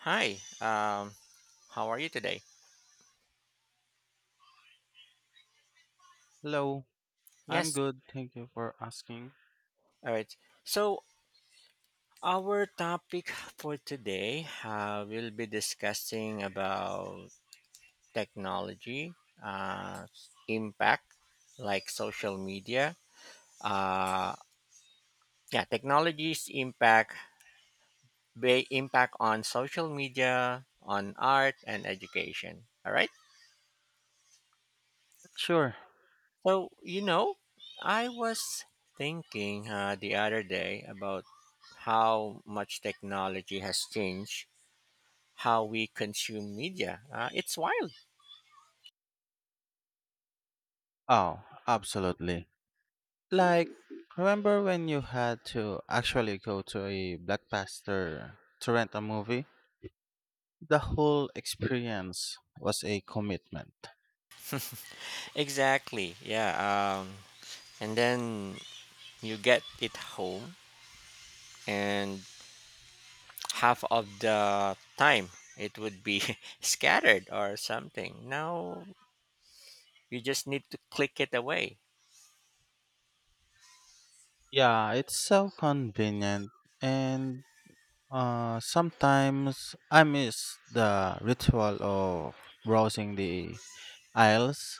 Hi, um, how are you today? Hello, I'm Yes, good. Thank you for asking. all right. So our topic for today, will be discussing about technology, uh, impact, like social media. Uh, yeah, technology's impact, impact on social media, on art and education. All right. Sure. So, I was thinking the other day about how much technology has changed how we consume media. It's wild. Oh, absolutely. Like, remember when you had to actually go to a blockbuster to rent a movie? The whole experience was a commitment. Exactly. Yeah. And then you get it home, and half of the time it would be scattered or something. Now you just need to click it away. Yeah, it's so convenient, and sometimes I miss the ritual of browsing the aisles,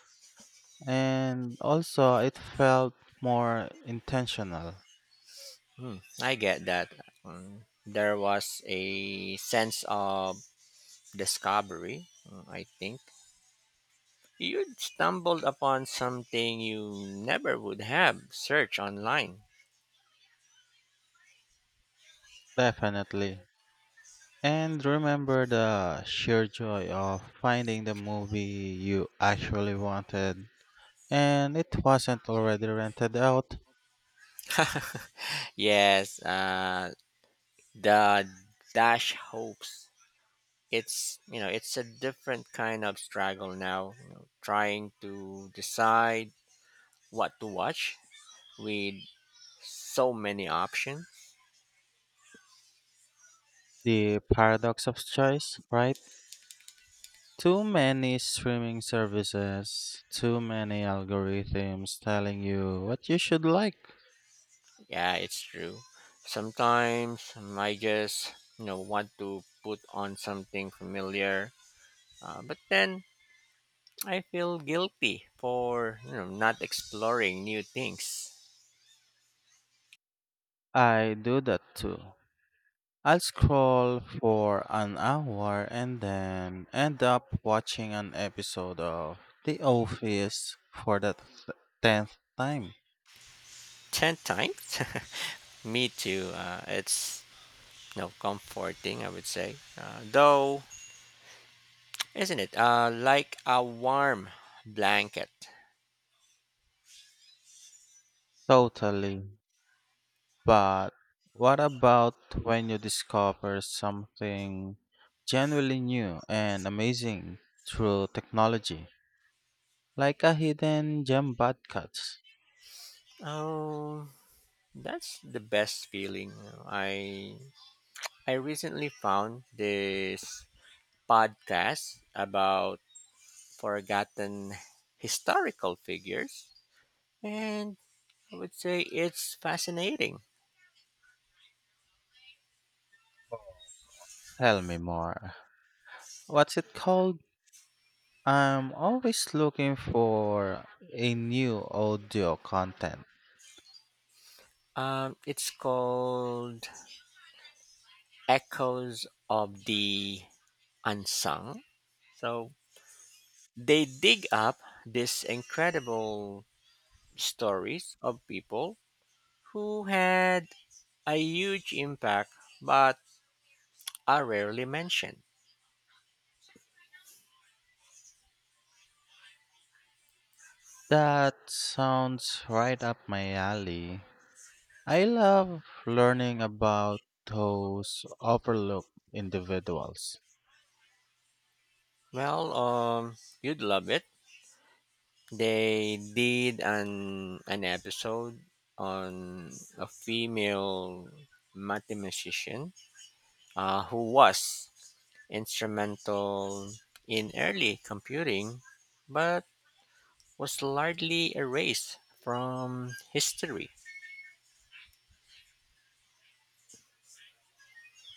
and also it felt more intentional. Hmm, I get that. There was a sense of discovery, I think, you'd stumbled upon something you never would have searched online. Definitely. And remember the sheer joy of finding the movie you actually wanted and it wasn't already rented out. Yes, the dash hopes. It's you know it's a different kind of struggle now. You know, trying to decide what to watch with so many options. The paradox of choice, right? Too many streaming services, too many algorithms telling you what you should like. Yeah, it's true. Sometimes I just want to put on something familiar, but then I feel guilty for not exploring new things. I do that too. I'll scroll for an hour and then end up watching an episode of The Office for the tenth time. Ten times, me too. It's no comforting, I would say. Though, isn't it? Like a warm blanket. Totally. But what about when you discover something genuinely new and amazing through technology, like a hidden gem podcast? Oh, that's the best feeling. I I recently found this podcast about forgotten historical figures, and I would say it's fascinating. Tell me more. What's it called? I'm always looking for a new audio content. It's called Echoes of the Unsung. So they dig up these incredible stories of people who had a huge impact but are rarely mentioned. That sounds right up my alley. I love learning about those overlooked individuals. Well, you'd love it. They did an episode on a female mathematician who was instrumental in early computing but was largely erased from history.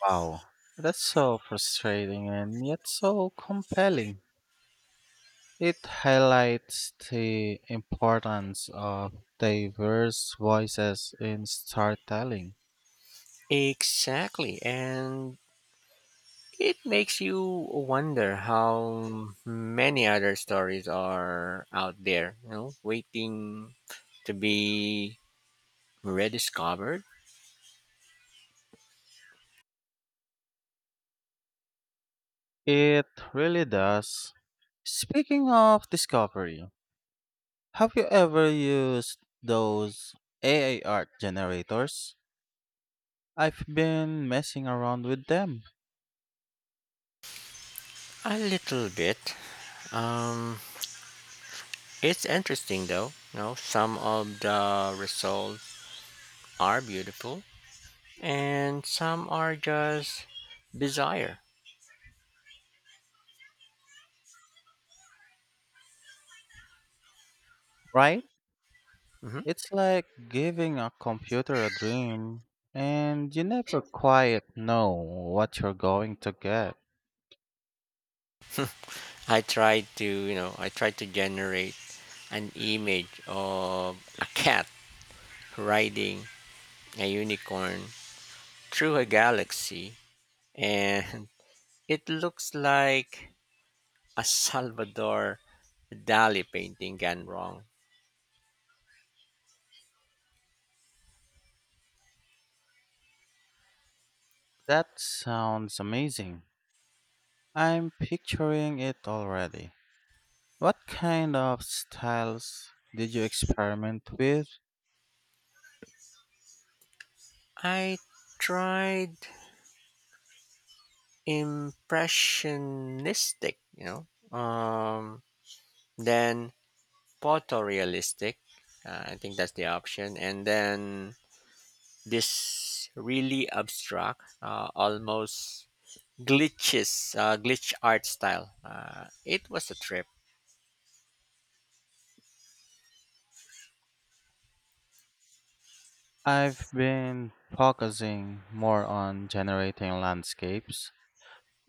Wow, that's so frustrating and yet so compelling. It highlights the importance of diverse voices in storytelling. Exactly, and it makes you wonder how many other stories are out there, waiting to be rediscovered It really does. Speaking of discovery, have you ever used those AI art generators? I've been messing around with them, a little bit. Um, it's interesting though, some of the results are beautiful and some are just desire. right? Mhm. It's like giving a computer a dream, and you never quite know what you're going to get. I tried to generate an image of a cat riding a unicorn through a galaxy, and it looks like a Salvador Dali painting gone wrong. That sounds amazing. I'm picturing it already. What kind of styles did you experiment with? I tried impressionistic, um, then photorealistic. I think that's the option. And then this really abstract, almost glitch art style. It was a trip. I've been focusing more on generating landscapes.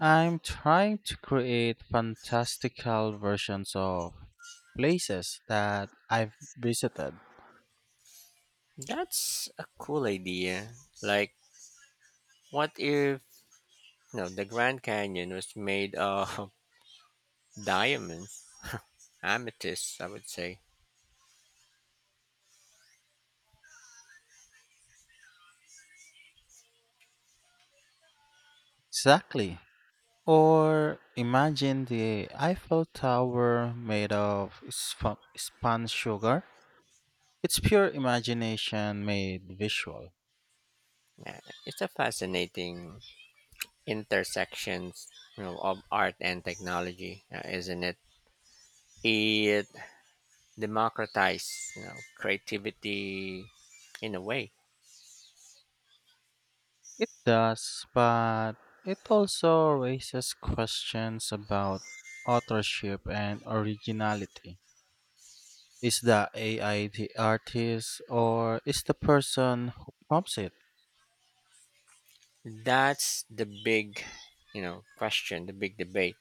I'm trying to create fantastical versions of places that I've visited. That's a cool idea. Like, what if the Grand Canyon was made of diamonds, amethyst? I would say. Exactly. Or imagine the Eiffel Tower made of spun sugar. It's pure imagination made visual. Yeah, it's a fascinating intersections of art and technology, isn't it? It democratize creativity in a way. It does, but it also raises questions about authorship and originality. Is the AI the artist or is the person who prompts it? That's the big question, the big debate.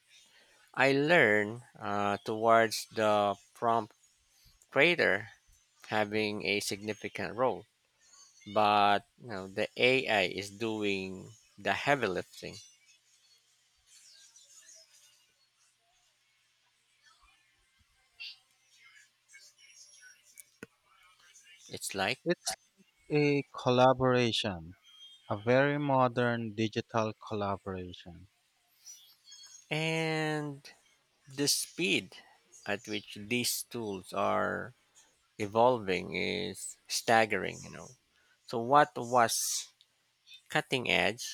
I learn towards the prompt creator having a significant role, but the AI is doing the heavy lifting. It's like. It's a collaboration. A very modern digital collaboration. And the speed at which these tools are evolving is staggering, you know, so what was cutting edge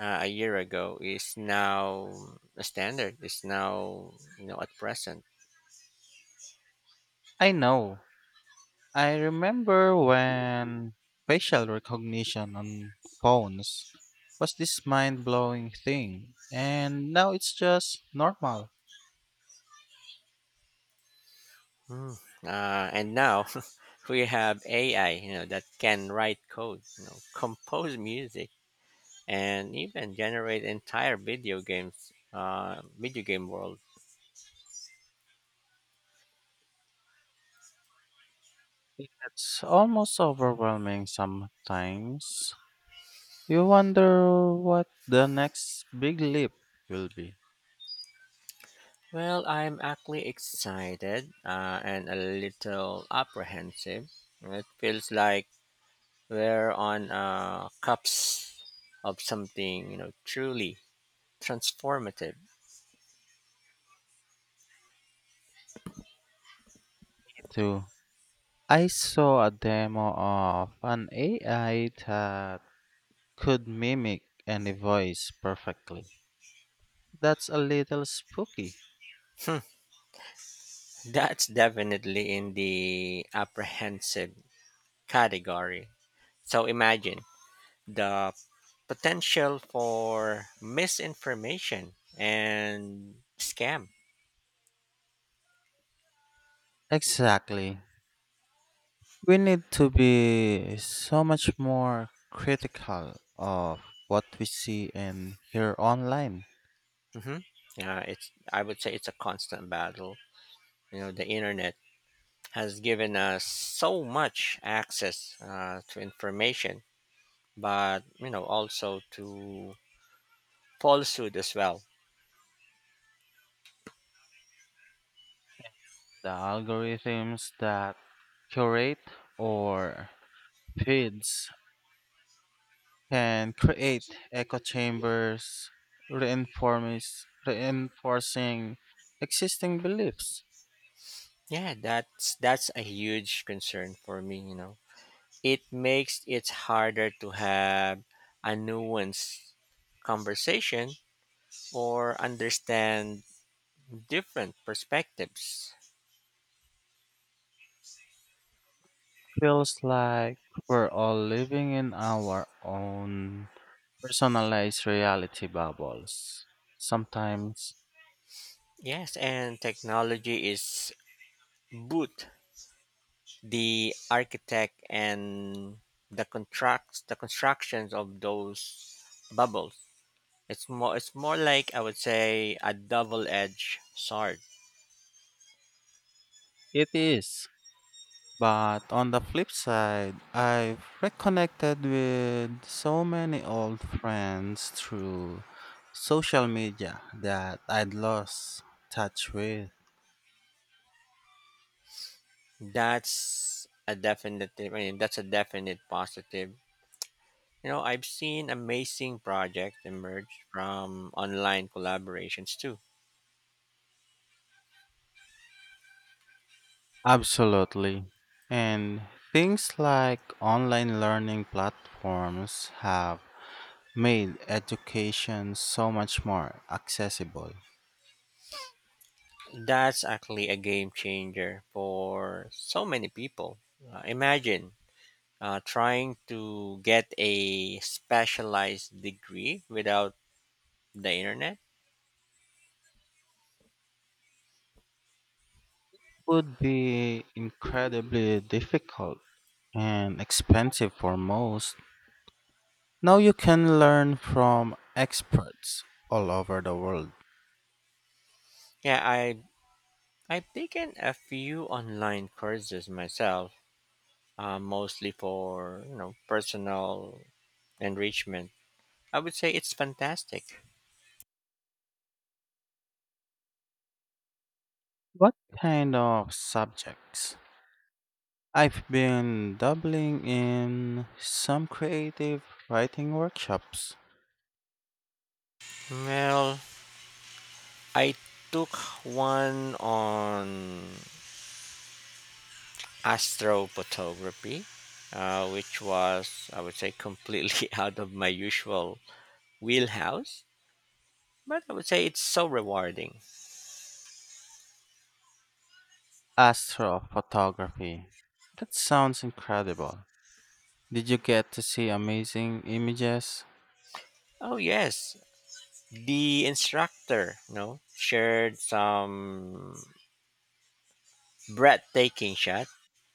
a year ago is now a standard, is now, at present. I know. I remember when facial recognition on phones was this mind blowing thing, and now it's just normal. Hmm. And now we have AI, that can write code, compose music and even generate entire video games, video game world. It's almost overwhelming sometimes. You wonder what the next big leap will be. Well, I'm actually excited and a little apprehensive. It feels like we're on cups of something, truly transformative. Too. I saw a demo of an AI that could mimic any voice perfectly. That's a little spooky. Hmm, that's definitely in the apprehensive category. So imagine the potential for misinformation and scam. Exactly. We need to be so much more critical of what we see and hear online. Hmm. It's I would say it's a constant battle. You know, the internet has given us so much access to information, but also to falsehood as well. The algorithms that curate or feeds can create echo chambers reinforcing existing beliefs. Yeah, that's a huge concern for me. You know. It makes it harder to have a nuanced conversation or understand different perspectives. Feels like we're all living in our own personalized reality bubbles. Sometimes Yes, and technology is both the architect and the contracts, the constructions of those bubbles. It's more like I would say a double-edged sword. it is, but on the flip side, I've reconnected with so many old friends through social media that I'd lost touch with. That's a definite. I mean, that's a definite positive. You know, I've seen amazing projects emerge from online collaborations too. Absolutely. And things like online learning platforms have made education so much more accessible. That's actually a game changer for so many people. Imagine trying to get a specialized degree without the internet. Would be incredibly difficult and expensive for most. Now you can learn from experts all over the world. Yeah, I've taken a few online courses myself, mostly for personal enrichment. I would say it's fantastic. What kind of subjects? I've been dabbling in some creative writing workshops. Well, I took one on astrophotography, which was, I would say, completely out of my usual wheelhouse, but I would say it's so rewarding. Astrophotography. That sounds incredible. Did you get to see amazing images? Oh, yes, the instructor, shared some breathtaking shot,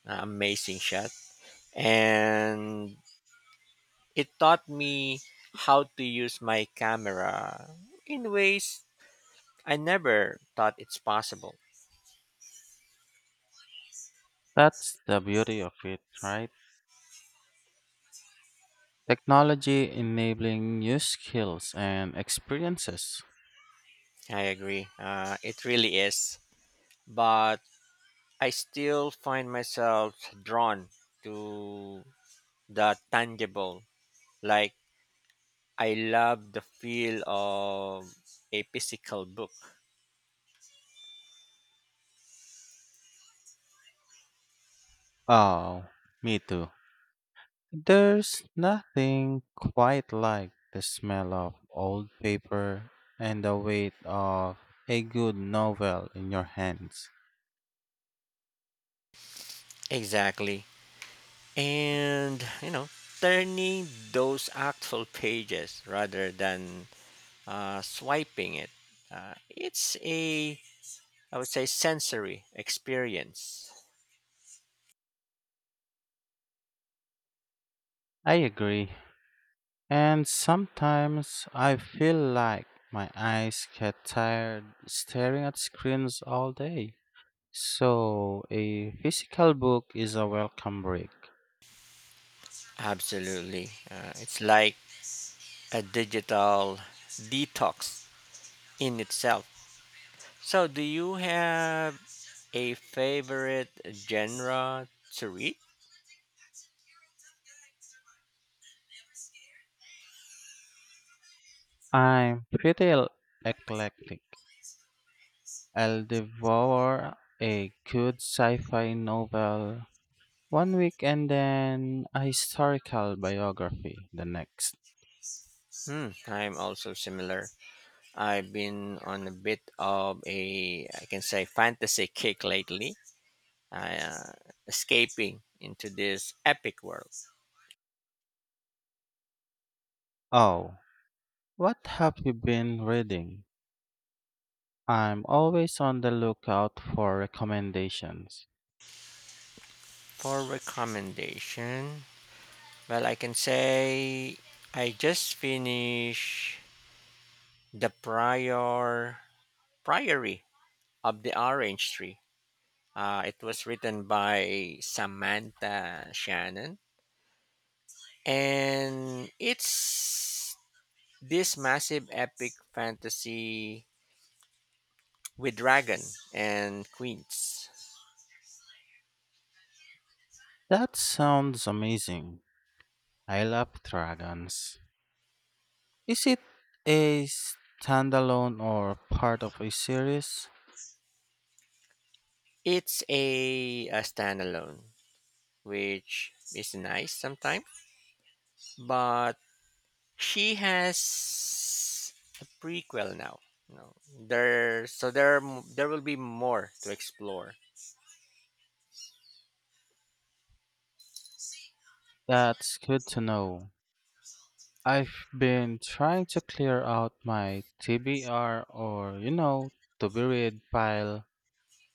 amazing shot, and it taught me how to use my camera in ways I never thought it's possible. That's the beauty of it, right? Technology enabling new skills and experiences. I agree. It really is. But I still find myself drawn to the tangible. Like, I love the feel of a physical book. Oh, me too. There's nothing quite like the smell of old paper and the weight of a good novel in your hands. Exactly. And turning those actual pages rather than swiping it. It's a, I would say, sensory experience. I agree. And sometimes I feel like my eyes get tired staring at screens all day. So a physical book is a welcome break. Absolutely. It's like a digital detox in itself. So, do you have a favorite genre to read? I'm pretty eclectic. I'll devour a good sci fi novel one week and then a historical biography the next. Hmm, I'm also similar. I've been on a bit of a, I can say, fantasy kick lately, uh, escaping into this epic world. Oh, what have you been reading? I'm always on the lookout for recommendations. For recommendation, well, I can say I just finished The Prior Priory of the Orange Tree. It was written by Samantha Shannon. And it's this massive epic fantasy with dragon and queens. That sounds amazing. I love dragons. Is it a standalone or part of a series? It's a standalone, which is nice sometimes, but she has a prequel now. No, there, so there, there will be more to explore. That's good to know. I've been trying to clear out my TBR or, you know, to be read pile,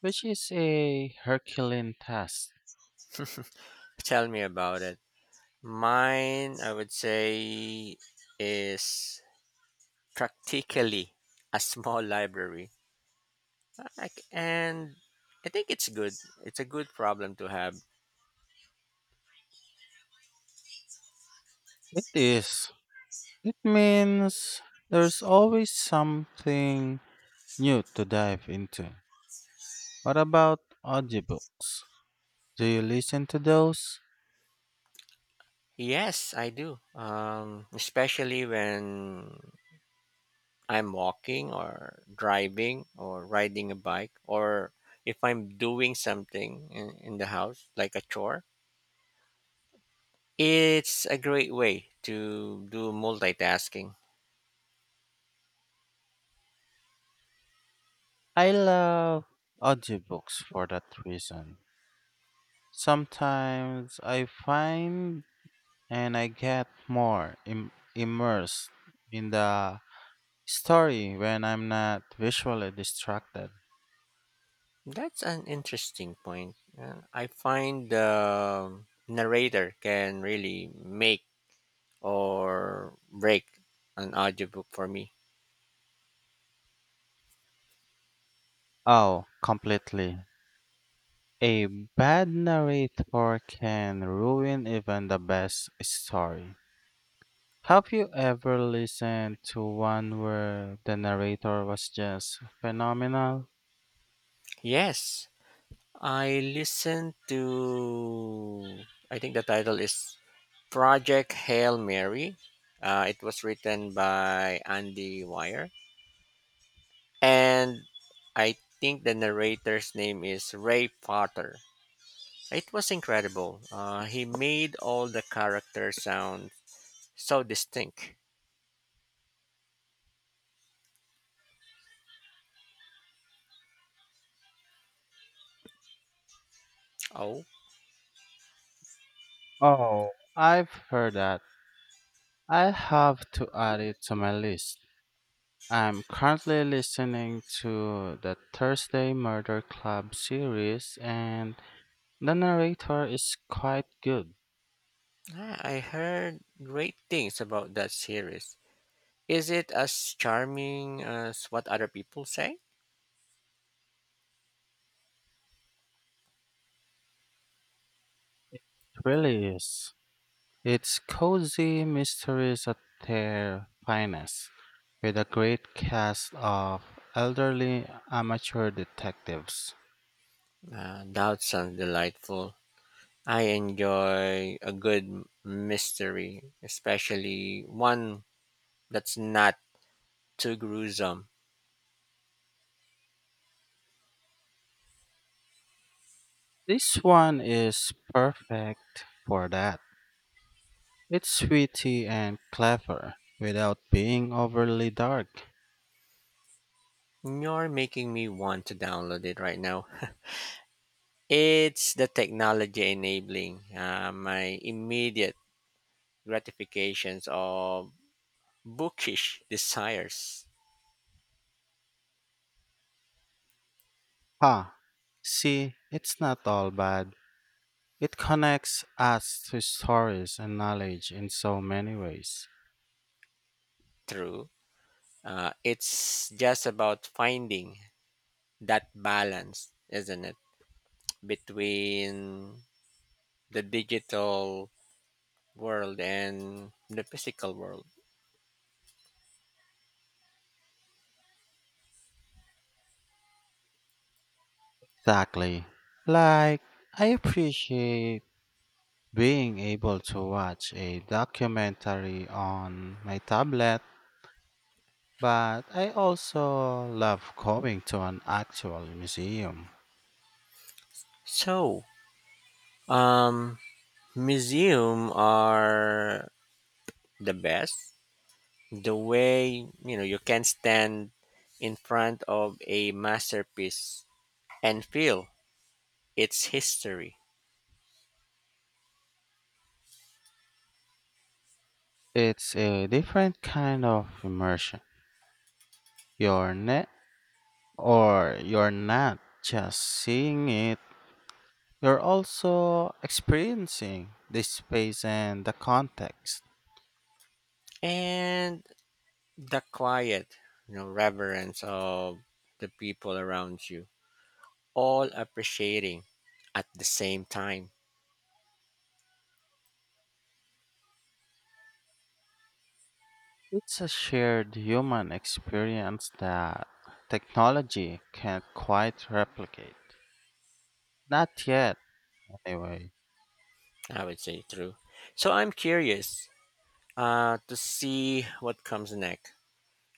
which is a Herculean task. Tell me about it. Mine, I would say, is practically a small library. Like, and I think it's good. It's a good problem to have. It is. It means there's always something new to dive into. What about audiobooks? Do you listen to those? Yes, I do. Especially when I'm walking or driving or riding a bike or if I'm doing something in the house, like a chore. It's a great way to do multitasking. I love audiobooks for that reason. Sometimes I find and I get more immersed in the story when I'm not visually distracted. That's an interesting point. I find the narrator can really make or break an audiobook for me. Oh, completely. A bad narrator can ruin even the best story. Have you ever listened to one where the narrator was just phenomenal? Yes, I listened to, I think the title is Project Hail Mary. It was written by Andy Weir. And I think the narrator's name is Ray Potter. It was incredible. He made all the characters sound so distinct. Oh. Oh, I've heard that. I have to add it to my list. I'm currently listening to the Thursday Murder Club series, and the narrator is quite good. Ah, I heard great things about that series. Is it as charming as what other people say? Really is. It's cozy mysteries at their finest, with a great cast of elderly amateur detectives. That sounds delightful. I enjoy a good mystery, especially one that's not too gruesome. This one is perfect for that. It's witty and clever, without being overly dark. You're making me want to download it right now. It's the technology enabling my immediate gratifications of bookish desires. Ha! See, it's not all bad. It connects us to stories and knowledge in so many ways. Through. It's just about finding that balance, isn't it, between the digital world and the physical world. Exactly. Like, I appreciate being able to watch a documentary on my tablet, but I also love going to an actual museum. So, um, museum are the best. The way you can stand in front of a masterpiece and feel its history. It's a different kind of immersion. You're not, or you're not just seeing it, you're also experiencing the space and the context. And the quiet reverence of the people around you all appreciating at the same time. It's a shared human experience that technology can't quite replicate. Not yet, anyway. I would say true. So I'm curious to see what comes next.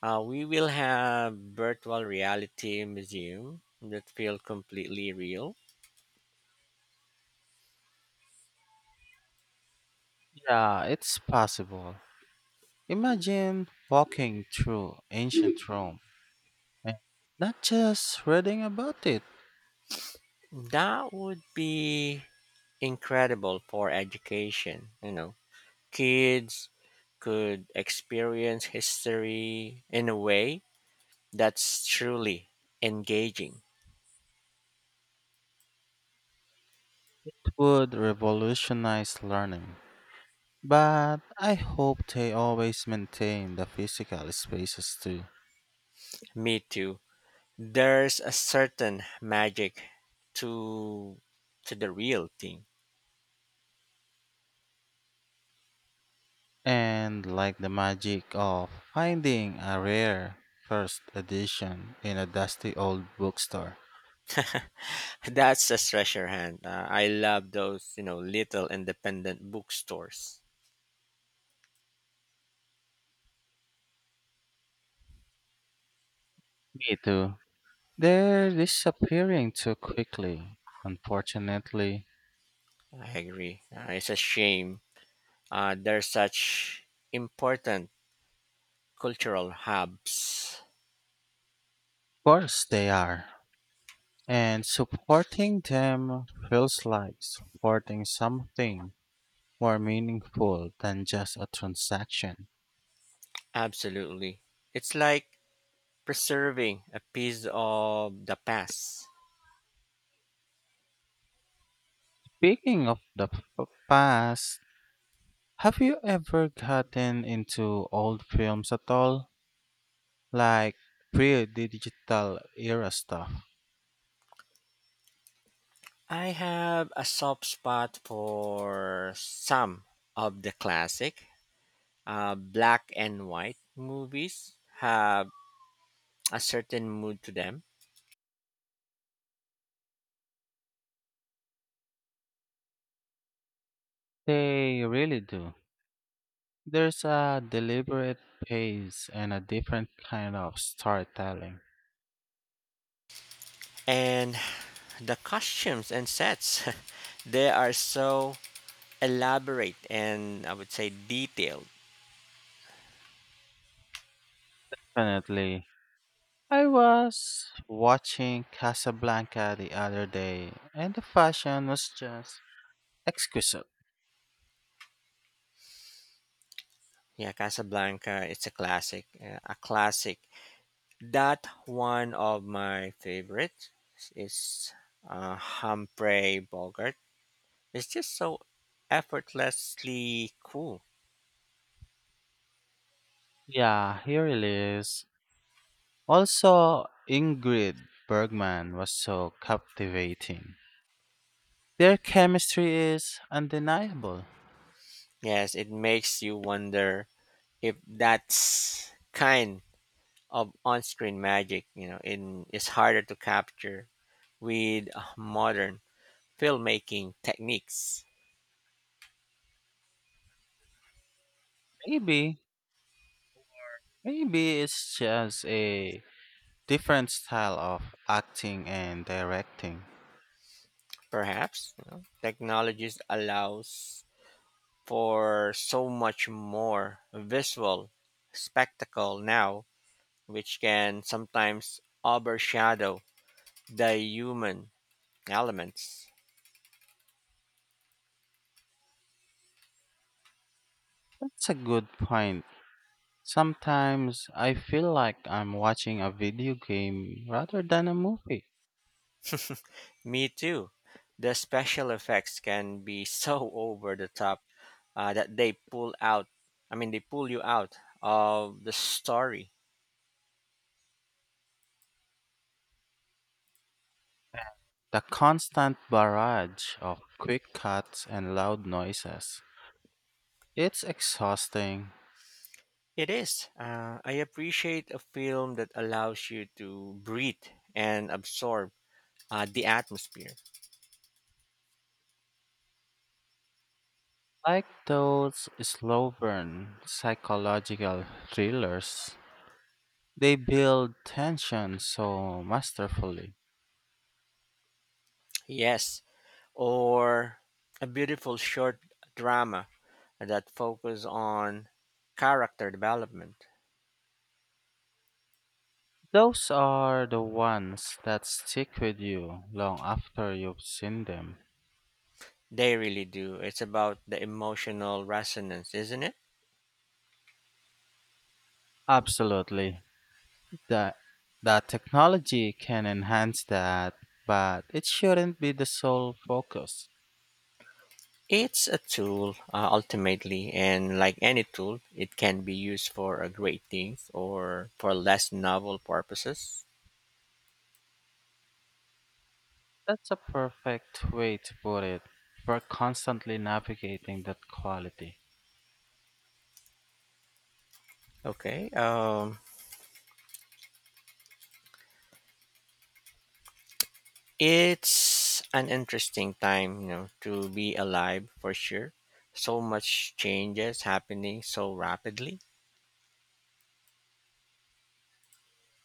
We will have virtual reality museum that feel completely real. Yeah, it's possible. Imagine walking through ancient Rome and not just reading about it That would be incredible for education, kids could experience history in a way that's truly engaging. would revolutionize learning. But I hope they always maintain the physical spaces too. Me too. There's a certain magic to to the real thing. And like the magic of finding a rare first edition in a dusty old bookstore. That's a treasure hunt. I love those, you know, little independent bookstores. Me too. They're disappearing too quickly, unfortunately. I agree. It's a shame. They're such important cultural hubs. Of course they are. And supporting them feels like supporting something more meaningful than just a transaction. Absolutely. It's like preserving a piece of the past. Speaking of the past, have you ever gotten into old films at all? Like pre digital era stuff? I have a soft spot for some of the classic black and white movies have a certain mood to them. They really do. There's a deliberate pace and a different kind of storytelling. And the costumes and sets they are so elaborate and I would say detailed. Definitely. I was watching Casablanca the other day, and the fashion was just exquisite. Yeah, Casablanca it's a classic, a classic. That one of my favorites is Humphrey Bogart. It's just so effortlessly cool. Yeah, here it is. Also, Ingrid Bergman was so captivating. Their chemistry is undeniable. Yes, it makes you wonder if that's kind of on-screen magic, in is harder to capture with modern filmmaking techniques. Maybe, maybe it's just a different style of acting and directing. Perhaps technologies allows for so much more visual spectacle now, which can sometimes overshadow the human elements. That's a good point. Sometimes I feel like I'm watching a video game rather than a movie. Me too. The special effects can be so over the top that I mean, they pull you out of the story. The constant barrage of quick cuts and loud noises. It's exhausting. It is. I appreciate a film that allows you to breathe and absorb the atmosphere. Like those slow burn psychological thrillers, they build tension so masterfully. Yes. Or a beautiful short drama that focus on character development. Those are the ones that stick with you long after you've seen them. They really do. It's about the emotional resonance, isn't it? Absolutely. The, the technology can enhance that, but it shouldn't be the sole focus. It's a tool, ultimately, and like any tool, it can be used for a great things or for less novel purposes. That's a perfect way to put it. We're constantly navigating that quality. Okay. It's an interesting time, to be alive for sure. So much changes happening so rapidly.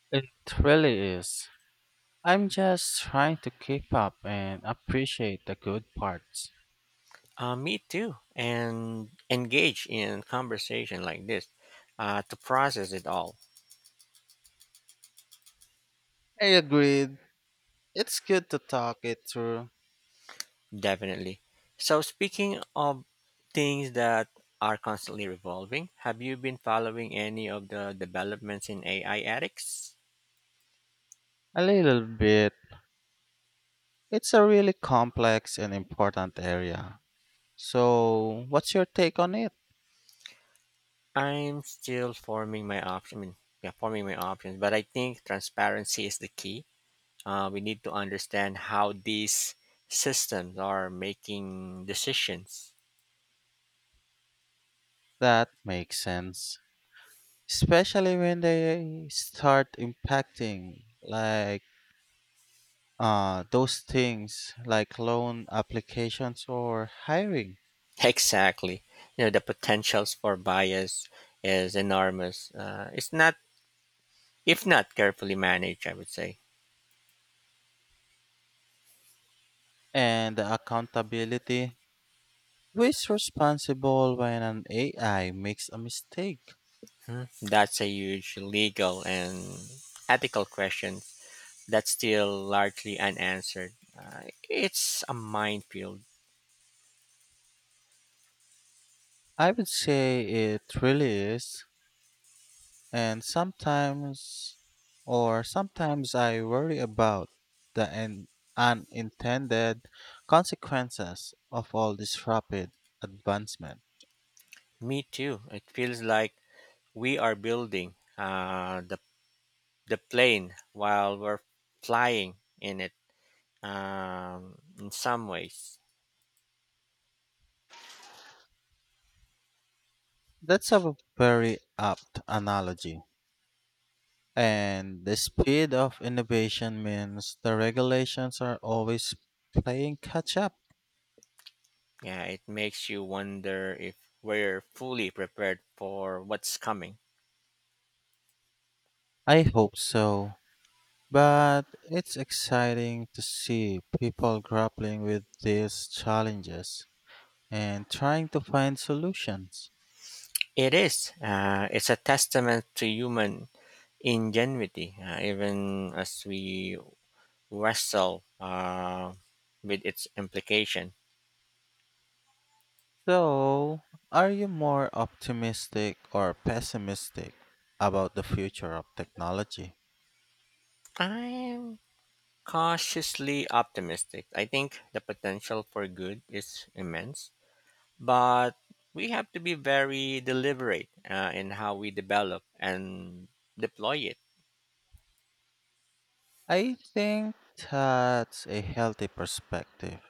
It really is. I'm just trying to keep up and appreciate the good parts. Me too. And engage in conversation like this to process it all. I agreed. It's good to talk it through Definitely. So, speaking of things that are constantly revolving, have you been following any of the developments in AI ethics? a little bit. It's a really complex and important area. So, what's your take on it? I'm still forming my option. I mean, Yeah, forming my options, but I think transparency is the key. We need to understand how these systems are making decisions. That makes sense. Especially when they start impacting, like those things like loan applications or hiring Exactly. You know, the potentials for bias is enormous. It's not, if not carefully managed, I would say. and the accountability. Who is responsible when an AI makes a mistake? Hmm, that's a huge legal and ethical question that's still largely unanswered. It's a minefield. I would say it really is. And sometimes I worry about the unintended consequences of all this rapid advancement. Me too. It feels like we are building the plane while we're flying in it in some ways. That's a very apt analogy. And the speed of innovation means the regulations are always playing catch up. Yeah, it makes you wonder if we're fully prepared for what's coming. I hope so. But it's exciting to see people grappling with these challenges and trying to find solutions. It is. It's a testament to human ingenuity, even as we wrestle with its implication. So, are you more optimistic or pessimistic about the future of technology? I'm cautiously optimistic. I think the potential for good is immense, but we have to be very deliberate in how we develop and deploy it I think that's a healthy perspective.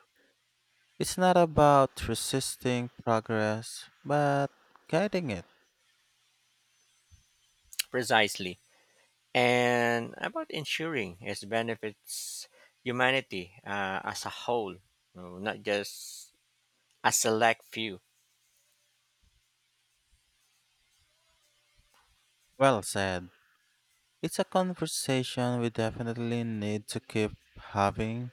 It's not about resisting progress, but guiding it. precisely. And about ensuring its benefits humanity as a whole, not just a select few. Well said. It's a conversation we definitely need to keep having.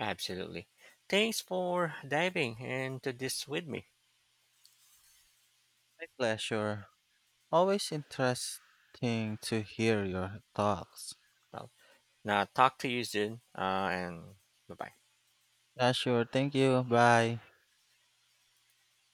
Absolutely. Thanks for diving into this with me. My pleasure. Always interesting to hear your thoughts. Well, now talk to you soon, and bye bye. Yeah, sure. Thank you. Bye.